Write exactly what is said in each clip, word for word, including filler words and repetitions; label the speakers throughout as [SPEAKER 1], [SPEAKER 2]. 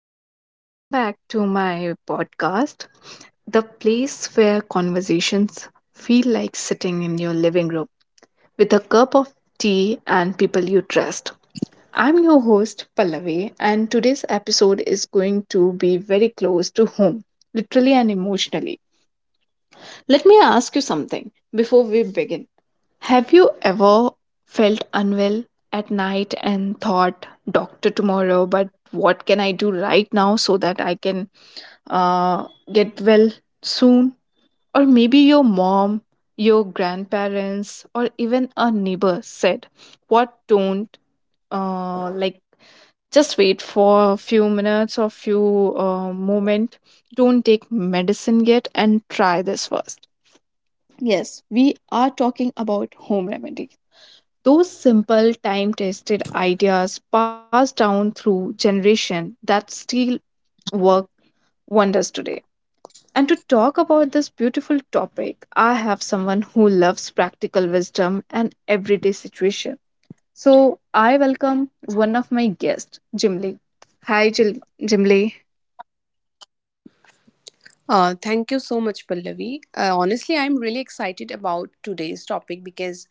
[SPEAKER 1] Everyone. Welcome back to my podcast, the place where conversations feel like sitting in your living room with a cup of tea and people you trust. I'm your host, Pallavi, and today's episode is going to be very close to home, literally and emotionally. Let me ask you something before we begin. Have you ever felt unwell at night and thought, doctor tomorrow, but what can I do right now so that I can uh, get well soon? Or maybe your mom, your grandparents, or even a neighbor said, what don't uh, like just wait for a few minutes or few uh, moment, don't take medicine yet and try this first. Yes, we are talking about home remedies, those simple time tested ideas passed down through generation that still work wonders today. And to talk about this beautiful topic, I have someone who loves practical wisdom and everyday situation. So I welcome one of my guests, Jimly. Hi, Jimly.
[SPEAKER 2] Uh, thank you so much, Pallavi. Uh, honestly, I'm really excited about today's topic because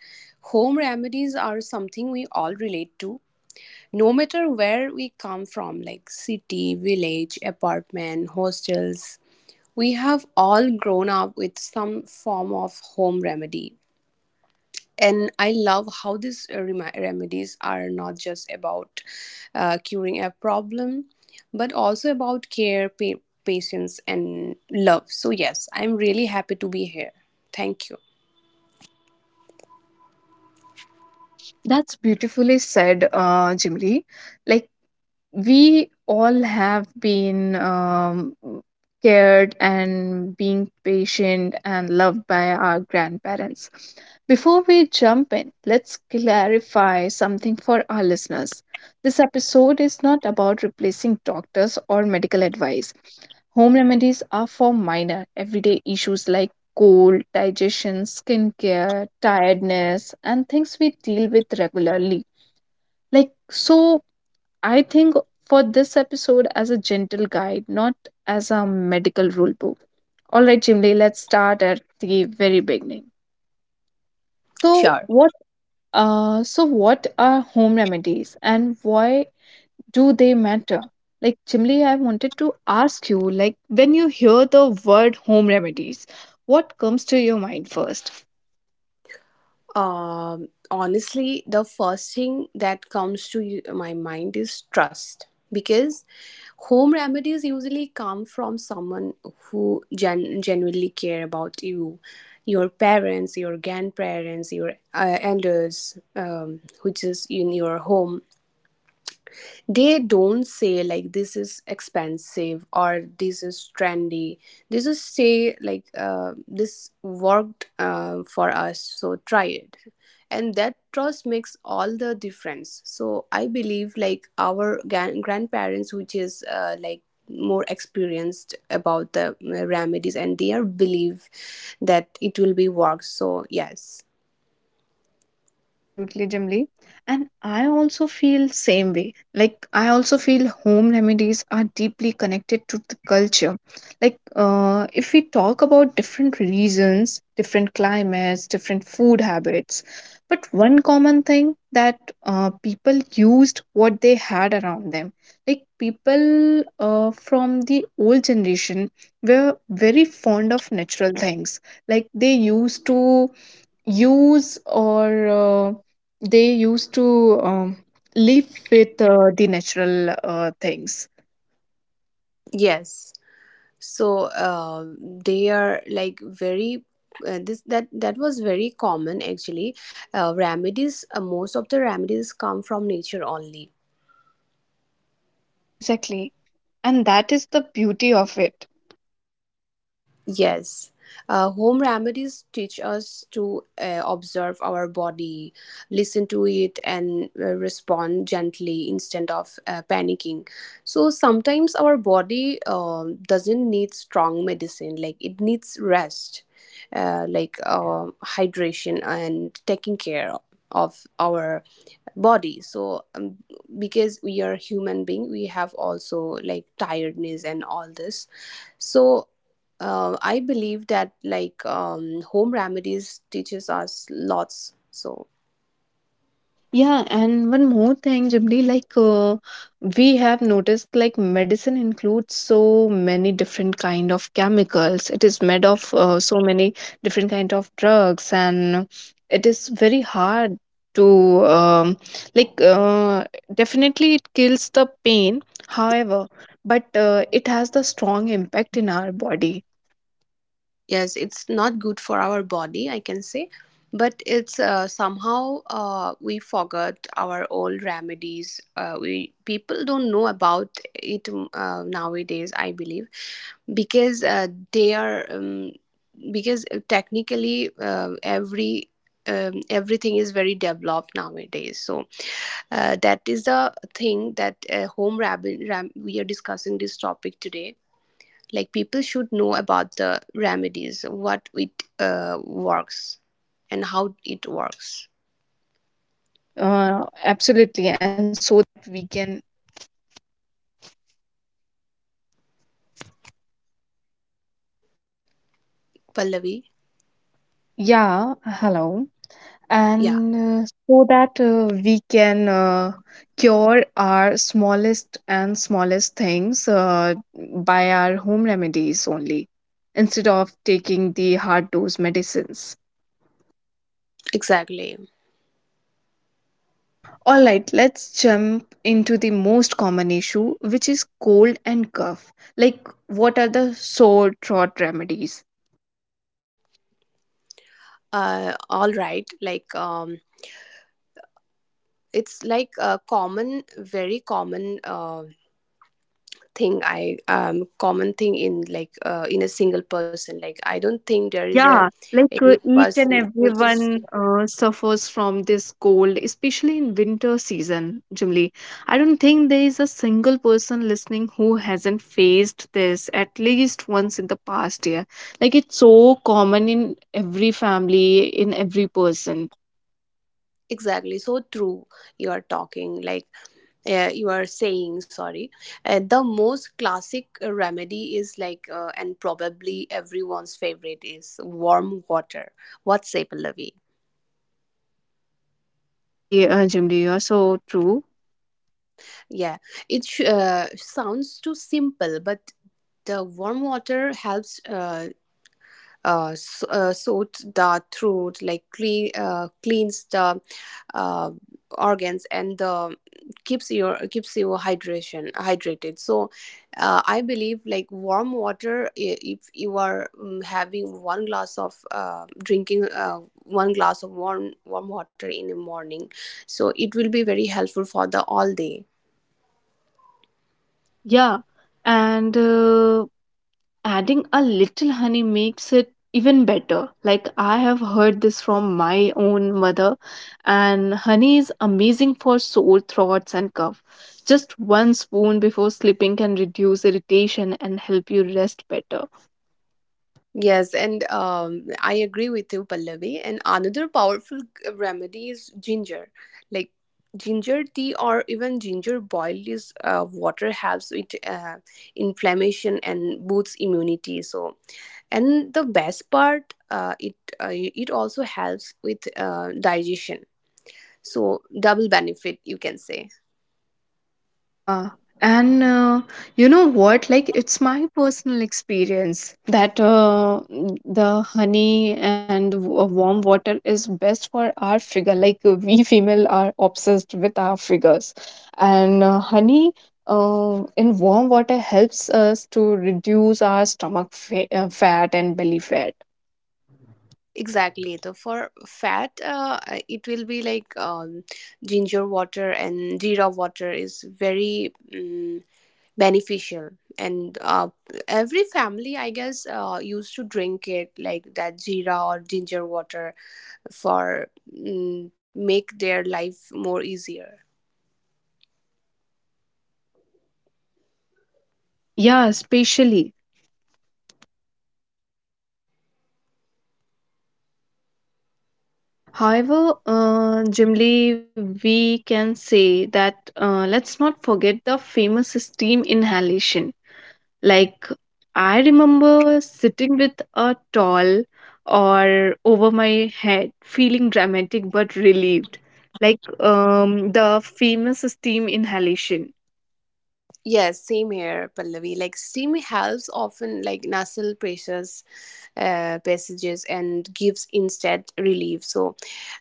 [SPEAKER 2] home remedies are something we all relate to, no matter where we come from, like city, village, apartment, hostels. We have all grown up with some form of home remedy, and I love how these uh, remi- remedies are not just about uh, curing a problem, but also about care, pa- patience, and love. So yes, I'm really happy to be here. Thank you.
[SPEAKER 1] That's beautifully said, uh, Jimly. Like we all have been um, cared and being patient and loved by our grandparents. Before we jump in, let's clarify something for our listeners. This episode is not about replacing doctors or medical advice. Home remedies are for minor, everyday issues like cold, digestion, skin care, tiredness, and things we deal with regularly. Like, so I think for this episode as a gentle guide, not as a medical rule book. All right, Chimli, let's start at the very beginning. So
[SPEAKER 2] Sure.
[SPEAKER 1] what uh so what are home remedies and why do they matter? Like Chimli, I wanted to ask you, like when you hear the word home remedies, what comes to your mind first?
[SPEAKER 2] Um, honestly, the first thing that comes to y- my mind is trust, because home remedies usually come from someone who gen- genuinely care about you, your parents, your grandparents, your uh, elders, um, which is in your home. They don't say like this is expensive or this is trendy. They just say like, uh, this worked uh, for us, so try it. And that trust makes all the difference. So I believe like our gan- grandparents, which is uh, like more experienced about the uh, remedies, and their belief that it will be worked. So yes,
[SPEAKER 1] Absolutely, Jimly. And I also feel same way. Like I also feel home remedies are deeply connected to the culture. Like uh, if we talk about different regions, different climates, different food habits, but one common thing that uh, people used what they had around them. Like people uh, from the old generation were very fond of natural things. Like they used to use or uh, they used to um, live with uh, the natural uh, things.
[SPEAKER 2] yes. So uh, they are like very uh, this, that that was very common, actually. Uh, remedies, uh, most of the remedies come from nature only.
[SPEAKER 1] Yeah, exactly. And that is the beauty of it.
[SPEAKER 2] Yes, uh, home remedies teach us to uh, observe our body, listen to it, and uh, respond gently instead of uh, panicking. So sometimes our body um doesn't need strong medicine, like it needs rest, uh, like uh, hydration, and taking care of our body. So um, because we are human being, we have also like tiredness and all this. So uh, I believe that like um, home remedies teaches us lots. So
[SPEAKER 1] Yeah, and one more thing, Jimli, like uh, we have noticed, like medicine includes so many different kind of chemicals. It is made of uh, so many different kind of drugs, and it is very hard to um, like. Uh, definitely, it kills the pain. However, but uh, it has the strong impact in our body.
[SPEAKER 2] yes, it's not good for our body, I can say. But it's uh, somehow uh, we forgot our old remedies. Uh, we people don't know about it, mm, uh, nowadays, I believe. Because uh, they are um, because uh, technically uh, every um, everything is very developed nowadays. So uh, that is the thing that uh, home rabbit ram- we are discussing this topic today. Like people should know about the remedies, what it uh, works and how it works,
[SPEAKER 1] Yeah, uh,
[SPEAKER 2] Pallavi. Yeah.
[SPEAKER 1] and, uh, so that uh, we can uh, cure our smallest and smallest things uh, by our home remedies only instead of taking the hard dose medicines.
[SPEAKER 2] Exactly.
[SPEAKER 1] Yeah, all right, let's jump into the most common issue, which is cold and cough. Like, what are the sore throat remedies?
[SPEAKER 2] Uh, all right, like um it's like a common, very common uh, thing. I um Common thing in like uh, in a single person, like I don't think there is a
[SPEAKER 1] Yeah, like
[SPEAKER 2] any
[SPEAKER 1] uh, each
[SPEAKER 2] person
[SPEAKER 1] and
[SPEAKER 2] which is...
[SPEAKER 1] everyone uh, suffers from this cold, especially in winter season, Jimly. I don't think there is a single person listening who hasn't faced this at least once in the past year. Like it's so common in every family, in every person.
[SPEAKER 2] Exactly, so true. You are talking like uh, you are saying, sorry, uh, the most classic uh, remedy is like, uh, and probably everyone's favorite is warm water. What's say, Pallavi?
[SPEAKER 1] Yes, exactly, uh, Jimly. You are so true.
[SPEAKER 2] Yeah, it sh- uh, sounds too simple, but the warm water helps, uh, uh, s- uh, sorts the throat, like clean, uh, cleans the uh, organs, and the keeps your keeps you hydration hydrated. So, uh, I believe like warm water. i- If you are um, having one glass of uh, drinking uh, one glass of warm warm water in the morning, so it will be very helpful for the all day.
[SPEAKER 1] Yeah, and uh, adding a little honey makes it even better. Like I have heard this from my own mother, and honey is amazing for sore throats and cough. Just one spoon before sleeping can reduce irritation and help you rest better.
[SPEAKER 2] Yes, and um, I agree with you, Pallavi. And another powerful g- remedy is ginger. Like ginger tea or even ginger boiled is uh, water, helps with uh, inflammation and boosts immunity. So, and the best part, uh, it uh, it also helps with uh, digestion. So double benefit, you can say.
[SPEAKER 1] Yeah. And uh, you know what? Like, it's my personal experience that uh, the honey and w- uh, warm water is best for our figure. Like, uh, we female are obsessed with our figures. And uh, honey uh, in warm water helps us to reduce our stomach fa- uh, fat and belly fat.
[SPEAKER 2] Exactly. So for fat, uh, uh, it will be like um, ginger water and jeera water is very um, beneficial. And uh, every family, I guess, uh, used to drink it like that, jeera or ginger water, for um, make their life more easier.
[SPEAKER 1] Yeah, especially. However, uh, generally we can say that uh, let's not forget the famous steam inhalation. Like I remember sitting with a towel or over my head, feeling dramatic but relieved. Like um, the famous steam inhalation.
[SPEAKER 2] Yes, same here, Pallavi. Like steam helps often like nasal pressures, uh, passages, and gives instant relief. So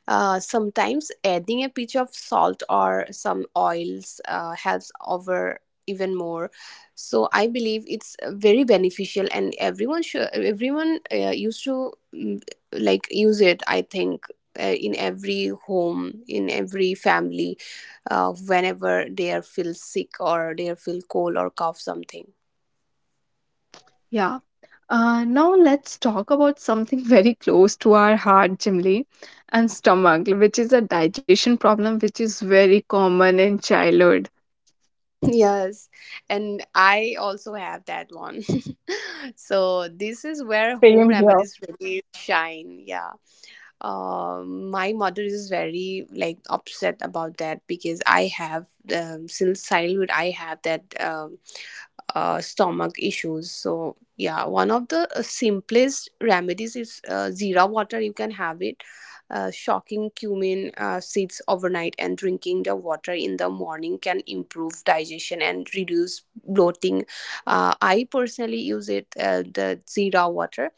[SPEAKER 2] uh, sometimes adding a pinch of salt or some oils uh, helps over even more. So I believe it's uh, very beneficial, and everyone should everyone uh, used to mm, like use it. I think uh, in every home, in every family, uh, whenever they are feel sick or they are feel cold or cough something.
[SPEAKER 1] Yeah. Uh, now let's talk about something very close to our heart, Jimly, and stomach, which is a digestion problem, which is very common in childhood.
[SPEAKER 2] Yes, and I also have that one. So this is
[SPEAKER 1] Same,
[SPEAKER 2] where home
[SPEAKER 1] same here.
[SPEAKER 2] remedies really shine. Yeah. Uh, my mother is very like upset about that, because I have um, since childhood I have that um, uh, stomach issues. So yeah, one of the uh, simplest remedies is uh, zira water. You can have it, uh, shocking cumin uh, seeds overnight, and drinking the water in the morning can improve digestion and reduce bloating. uh, I personally use it, uh, the zira water,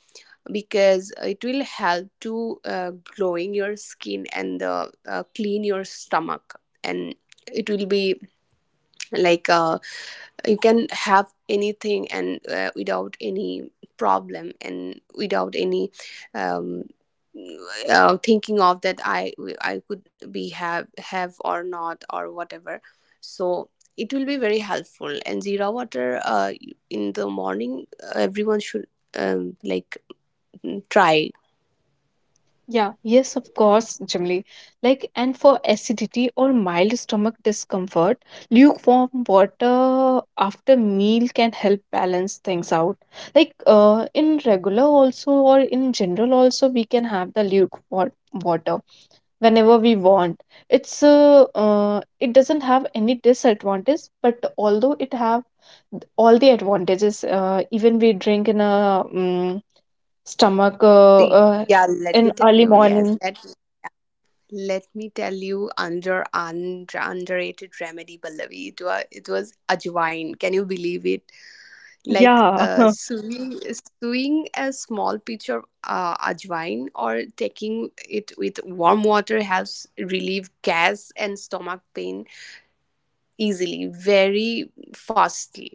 [SPEAKER 2] because it will help to uh, glowing your skin, and the, uh, clean your stomach, and it will be like uh, you can have anything, and uh, without any problem, and without any um, uh, thinking of that, i i could be have have or not or whatever. So it will be very helpful. And zira water uh, in the morning, uh, everyone should um, like try.
[SPEAKER 1] Yeah, yes, of course, Jimly. Like, and for acidity or mild stomach discomfort, lukewarm water after meal can help balance things out. Like, uh, in regular also or in general also, we can have the lukewarm water whenever we want. It's uh, uh, it doesn't have any disadvantage, but although it have all the advantages, uh, even we drink in a mm, stomach uh,
[SPEAKER 2] See.
[SPEAKER 1] uh,
[SPEAKER 2] Yeah, let me
[SPEAKER 1] in
[SPEAKER 2] tell
[SPEAKER 1] early
[SPEAKER 2] you. Yes,
[SPEAKER 1] morning.
[SPEAKER 2] let let me tell you under un, underrated remedy, Pallavi. It was it was ajwain. Can you believe it? Like
[SPEAKER 1] Yeah,
[SPEAKER 2] uh, sewing sewing a small pinch of uh, ajwain or taking it with warm water helps relieve gas and stomach pain easily, very fastly.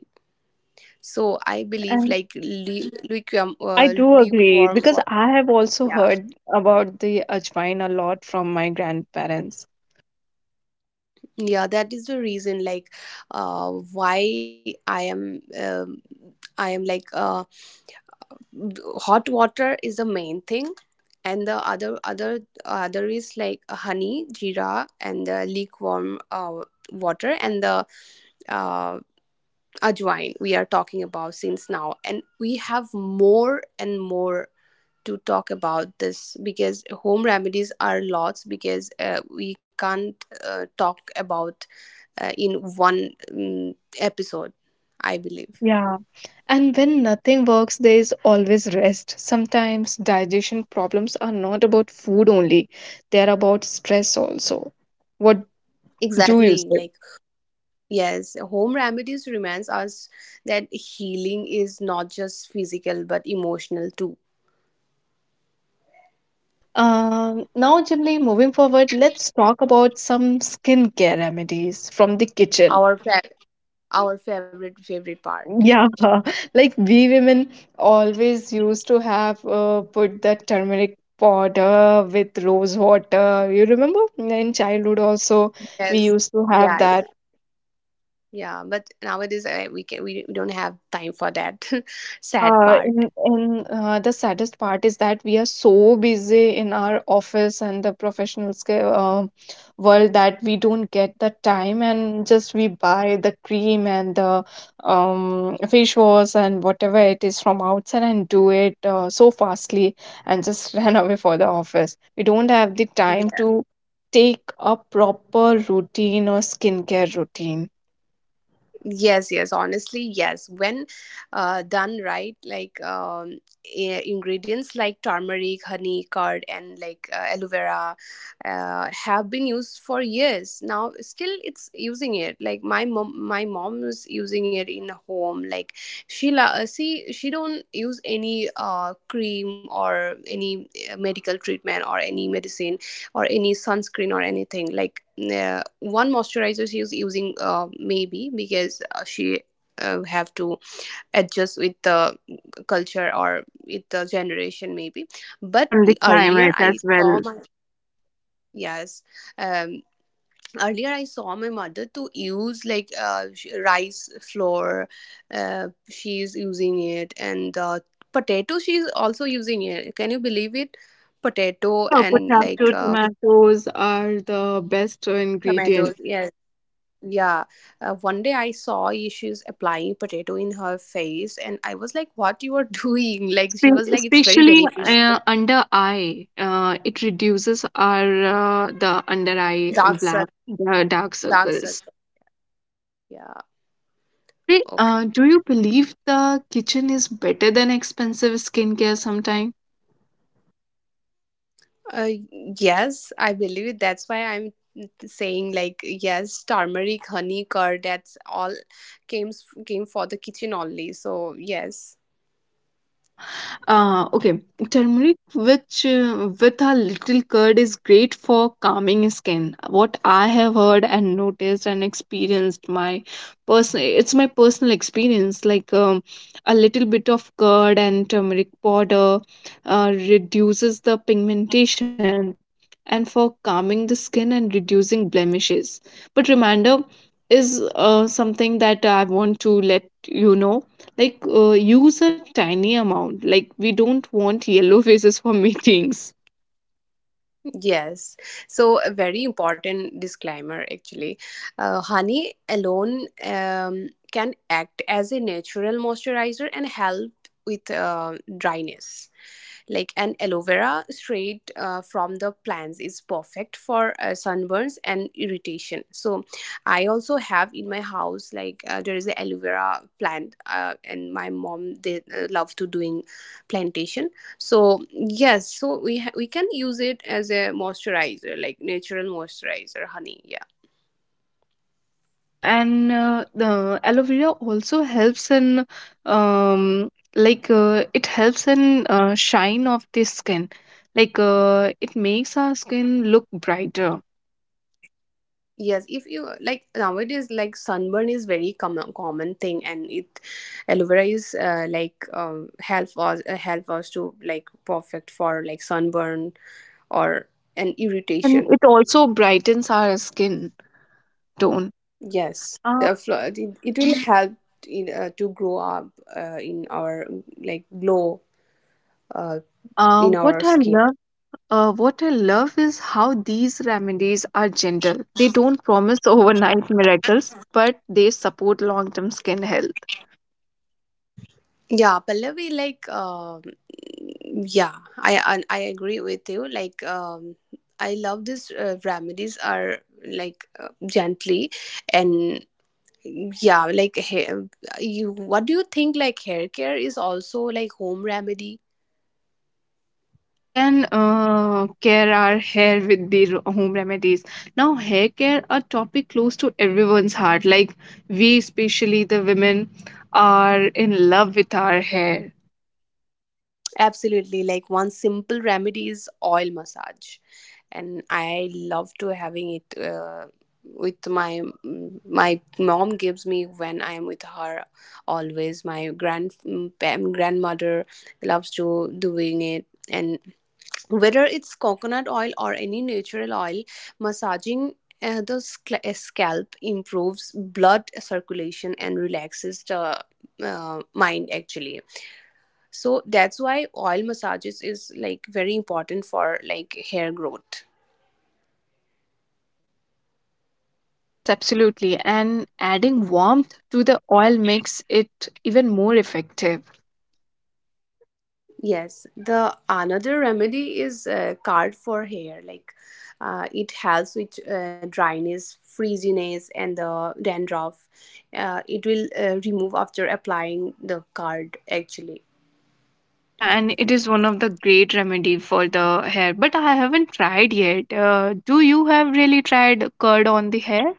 [SPEAKER 2] So I
[SPEAKER 1] yeah, and,
[SPEAKER 2] believe
[SPEAKER 1] and
[SPEAKER 2] like lu- lukewarm,
[SPEAKER 1] I
[SPEAKER 2] uh,
[SPEAKER 1] do agree
[SPEAKER 2] lukewarm
[SPEAKER 1] because
[SPEAKER 2] water.
[SPEAKER 1] I have also heard about the ajwain a lot from my grandparents.
[SPEAKER 2] Yeah, that is the reason, like uh, why i am um, i am like uh, hot water is the main thing. And the other other other is like honey, jeera, and the lukewarm uh, water, and the uh, ajwain we are talking about since now. And we have more and more to talk about this, because home remedies are lots. Because uh, we can't uh, talk about uh, in one um, episode, I believe.
[SPEAKER 1] Yeah, and when nothing works, there is always rest. Sometimes digestion problems are not about food only; they are about stress also. What do you
[SPEAKER 2] Exactly.
[SPEAKER 1] say?
[SPEAKER 2] Like, yes, home remedies reminds us that healing is not just physical but emotional too.
[SPEAKER 1] Yeah. Um, now, Jimli, moving forward, let's talk about some skincare remedies from the kitchen.
[SPEAKER 2] Our fa- our favorite favorite part.
[SPEAKER 1] Yeah, like we women always used to have uh, put that turmeric powder with rose water. You remember in childhood also we
[SPEAKER 2] Yes.
[SPEAKER 1] used to have
[SPEAKER 2] Yeah. ex-
[SPEAKER 1] that.
[SPEAKER 2] Yeah. But nowadays uh, we can we don't have time for that. Sad
[SPEAKER 1] Yeah,
[SPEAKER 2] part.
[SPEAKER 1] in in uh, the saddest part is that we are so busy in our office and the professional scale, uh, world that we don't get the time and just we buy the cream and the um, fish wash and whatever it is from outside and do it uh, so fastly and just run away for the office. We don't have the time to take a proper routine or skincare routine.
[SPEAKER 2] Yes, yes, honestly, yes. When uh, done right, like um, i- ingredients like turmeric, honey, curd, and like uh, aloe vera uh, have been used for years. Now, still, it's using it. Like my mom, my mom is using it in home. Like she, la- uh, see, she don't use any uh, cream or any uh, medical treatment or any medicine or any sunscreen or anything. Like uh, one moisturizer she is using, uh, maybe because uh, she uh, have to adjust with the culture or with the generation, maybe. But
[SPEAKER 1] And the
[SPEAKER 2] earlier
[SPEAKER 1] climate
[SPEAKER 2] I
[SPEAKER 1] as
[SPEAKER 2] saw
[SPEAKER 1] well.
[SPEAKER 2] my yes, um, earlier I saw my mother to use like uh, sh- rice flour. Uh, she's using it, and uh, potato, she's also using it. Can you believe it? Potato
[SPEAKER 1] Yeah,
[SPEAKER 2] and like
[SPEAKER 1] potato
[SPEAKER 2] uh,
[SPEAKER 1] tomatoes are the best
[SPEAKER 2] tomatoes.
[SPEAKER 1] ingredient,
[SPEAKER 2] Yes. Yeah, uh, one day I saw Issues applying potato in her face, and I was like, "What you are doing?" Like she
[SPEAKER 1] spe-
[SPEAKER 2] was like, "It's very
[SPEAKER 1] especially
[SPEAKER 2] beneficial."
[SPEAKER 1] uh, under eye. Uh, it reduces our uh, the under eye
[SPEAKER 2] Dark
[SPEAKER 1] black,
[SPEAKER 2] circle,
[SPEAKER 1] the dark
[SPEAKER 2] dark
[SPEAKER 1] circles.
[SPEAKER 2] circle. Yeah.
[SPEAKER 1] Jimmy,
[SPEAKER 2] Okay.
[SPEAKER 1] uh, do you believe the kitchen is better than expensive skincare sometime?
[SPEAKER 2] Uh, yes, I believe it. That's why I'm saying like, yes, turmeric, honey, curd. That's all came s- came for the kitchen only. So yes.
[SPEAKER 1] Yeah. Uh, okay, turmeric, which uh, with a little curd, is great for calming skin. What I have heard and noticed and experienced, my personal, it's my personal experience. Like um, a little bit of curd and turmeric powder uh, reduces the pigmentation and for calming the skin and reducing blemishes. But reminder is uh, something that I want to let you know, like uh, use a tiny amount, like we don't want yellow faces for meetings.
[SPEAKER 2] Yes, so a very important disclaimer, actually. Uh, honey alone um, can act as a natural moisturizer and help with uh, dryness. Like an aloe vera straight uh, from the plants is perfect for uh, sunburns and irritation. So I also have in my house, like uh, there is a aloe vera plant, uh, and my mom, they uh, love to doing plantation. So yes, so we ha- we can use it as a moisturizer, like natural moisturizer, honey.
[SPEAKER 1] Yeah, and uh, the aloe vera also helps in um like uh, it helps in uh, shine of the skin. Like uh, it makes our skin look brighter.
[SPEAKER 2] Yes, if you like nowadays, like sunburn is very common common thing, and it aloe vera is uh, like um, help us uh, help us to like perfect for like sunburn or an
[SPEAKER 1] Uh, and
[SPEAKER 2] irritation.
[SPEAKER 1] it also brightens our skin tone.
[SPEAKER 2] Yes,
[SPEAKER 1] Uh,
[SPEAKER 2] the flo- it, it will help in, uh, to grow up uh, in our like glow, uh,
[SPEAKER 1] yeah. Uh,
[SPEAKER 2] in our
[SPEAKER 1] what I
[SPEAKER 2] skin.
[SPEAKER 1] love Uh, what I love is how these remedies are gentle. They don't promise overnight miracles, but they support long term skin health.
[SPEAKER 2] Yeah, Pallavi, like, um, yeah, I, I I agree with you. Like, um, I love this uh, remedies are like uh, gently, and yeah, like hair, you. What do you think? Like hair care is also like home remedy.
[SPEAKER 1] Yeah, we can uh, care our hair with the ro- home remedies. Now, hair care, a topic close to everyone's heart. Like we, especially the women, are in love with our hair.
[SPEAKER 2] Absolutely. Like one simple remedy is oil massage, and I love to having it uh, with my mm, my mom gives me when I am with her always. My grand grandmother loves to doing it, and whether it's coconut oil or any natural oil, massaging. Uh, the sc- uh, scalp improves blood circulation and relaxes the uh, mind, actually. So that's why oil massages is like very important for like hair growth.
[SPEAKER 1] Yes, absolutely. And adding warmth to the oil makes it even more effective.
[SPEAKER 2] Yes, the another remedy is uh, card for hair. Like uh, it helps with uh, dryness, frizziness, and the dandruff. Uh, it will uh, remove after applying the card, actually.
[SPEAKER 1] Yeah, and it is one of the great remedy for the hair, but I haven't tried yet. Uh, do you have really tried curd on the hair?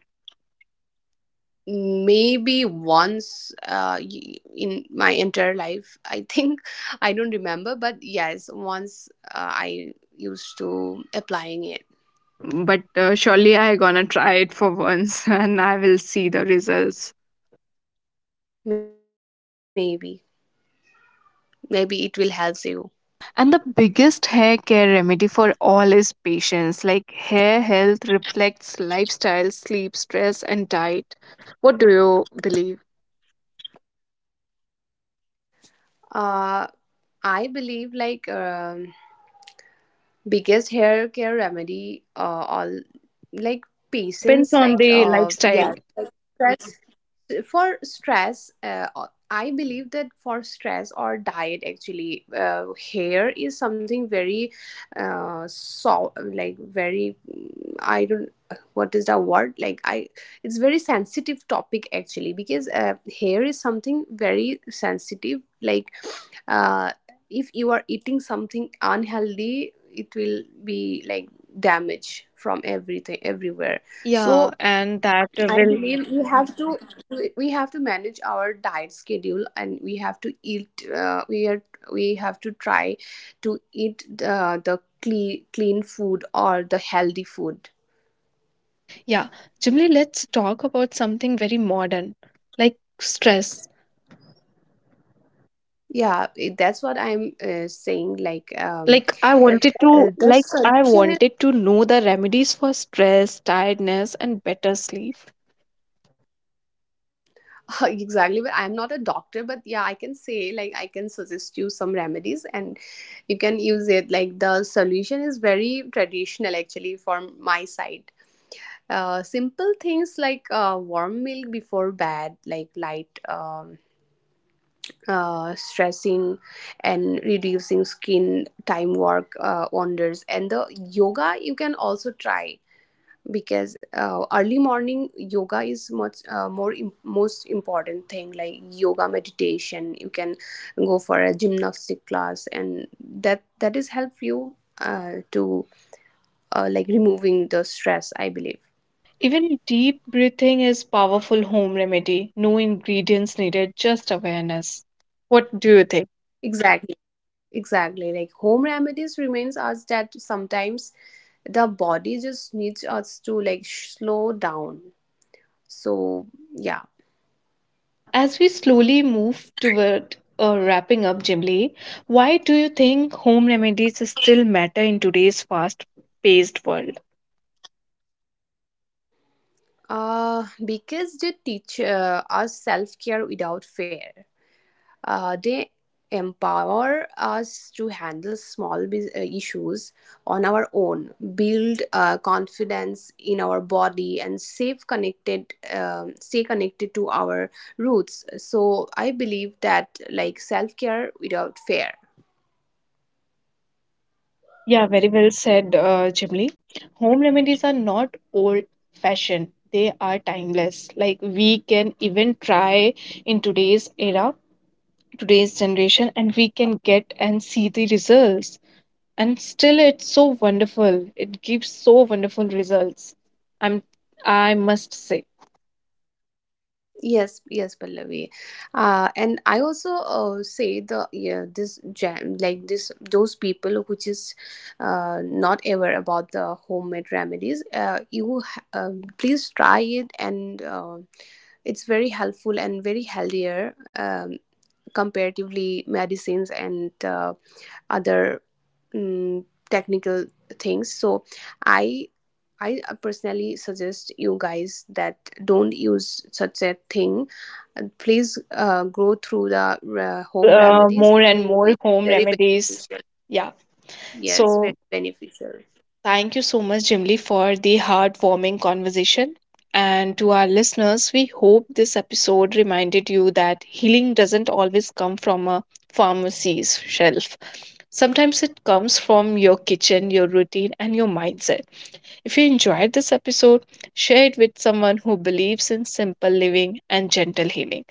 [SPEAKER 2] Maybe once, uh, y- in my entire life, I think. I don't remember, but yes, once uh, I used to applying it.
[SPEAKER 1] Okay, but uh, surely I gonna try it for once and I will see the results.
[SPEAKER 2] Maybe, maybe it will help you.
[SPEAKER 1] Yeah, and the biggest hair care remedy for all is patience. Like hair health reflects lifestyle, sleep, stress, and diet. What do you believe?
[SPEAKER 2] Uh, I believe like um, biggest hair care remedy. Uh, all like
[SPEAKER 1] They depends
[SPEAKER 2] patience.
[SPEAKER 1] on
[SPEAKER 2] Like
[SPEAKER 1] the
[SPEAKER 2] uh, yeah,
[SPEAKER 1] lifestyle.
[SPEAKER 2] stress. For stress, uh, I believe that for stress or diet, actually, uh, hair is something very uh, so like very mm, I don't what is the word, like I it's very sensitive topic, actually, because uh, hair is something very sensitive. Like uh, if you are eating something unhealthy, it will be like damage from everything, everywhere.
[SPEAKER 1] Yeah,
[SPEAKER 2] So
[SPEAKER 1] and that
[SPEAKER 2] I
[SPEAKER 1] will.
[SPEAKER 2] believe we have to we have to manage our diet schedule, and we have to eat uh, we are we have to try to eat the, the clean clean food or the healthy food.
[SPEAKER 1] Yeah, Jimli, let's talk about something very modern, like stress.
[SPEAKER 2] Yeah, it- that's what I'm uh, saying. Like um,
[SPEAKER 1] Like I wanted to
[SPEAKER 2] uh, the
[SPEAKER 1] like I
[SPEAKER 2] solution is...
[SPEAKER 1] wanted to know the remedies for stress, tiredness and better sleep.
[SPEAKER 2] Exactly. But I'm not a doctor, but yeah, I can say like I can suggest you some remedies and you can use it. Like the solution is very traditional, actually, from my side. Uh, simple things like uh, warm milk before bed, like light um, uh, stressing and reducing skin time work uh, wonders. And the yoga, you can also try, because uh, early morning yoga is much uh, more im- most important thing. Like yoga, meditation, you can go for a gymnastic class, and that that is help you uh, to uh, like removing the stress, I believe.
[SPEAKER 1] Even deep breathing is powerful home remedy. No ingredients needed, just awareness. What do you think?
[SPEAKER 2] Exactly. Exactly. Like home remedies reminds us that sometimes the body just needs us to like sh- slow down. So yeah.
[SPEAKER 1] Uh, as we slowly move toward uh, wrapping up, Jimli, why do you think home remedies still matter in today's fast-paced world?
[SPEAKER 2] Uh because they teach uh, us self care without fear. Uh, they empower us to handle small bus- uh, issues on our own, build uh, confidence in our body, and save connected, um, stay connected to our roots. So I believe that like self care without fear.
[SPEAKER 1] Yeah, very well said, uh, Jimly. Home remedies are not old fashioned, they are timeless. Like we can even try in today's era, today's generation, and we can get and see the results. And still, it's so wonderful. It gives so wonderful results. I'm, I must say,
[SPEAKER 2] Yes, yes, Pallavi. Uh, and I also uh, say the, yeah, this jam, like this, those people which is uh, not aware about the homemade remedies. Uh, you ha- um please try it, and uh, it's very helpful and very healthier, um, comparatively medicines and uh, other um, technical things. So I I uh, personally suggest you guys that don't use such a thing. Uh, Please uh, go through the uh,
[SPEAKER 1] use
[SPEAKER 2] home
[SPEAKER 1] uh,
[SPEAKER 2] remedies.
[SPEAKER 1] more
[SPEAKER 2] It
[SPEAKER 1] and
[SPEAKER 2] will
[SPEAKER 1] more
[SPEAKER 2] be
[SPEAKER 1] home
[SPEAKER 2] very
[SPEAKER 1] remedies.
[SPEAKER 2] beneficial.
[SPEAKER 1] Yeah.
[SPEAKER 2] Yes, very
[SPEAKER 1] So
[SPEAKER 2] beneficial.
[SPEAKER 1] thank you so much, Jimly, for the heartwarming conversation. And to our listeners, we hope this episode reminded you that healing doesn't always come from a pharmacy's shelf. Sometimes it comes from your kitchen, your routine, and your mindset. If you enjoyed this episode, share it with someone who believes in simple living and gentle healing.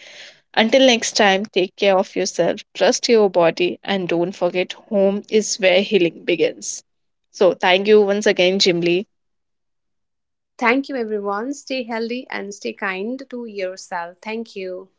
[SPEAKER 1] Until next time, take care of yourself, trust your body, and don't forget home is where healing begins. So, thank you once again, Jimly
[SPEAKER 2] Thank you, everyone. Stay healthy and stay kind to yourself. Thank you.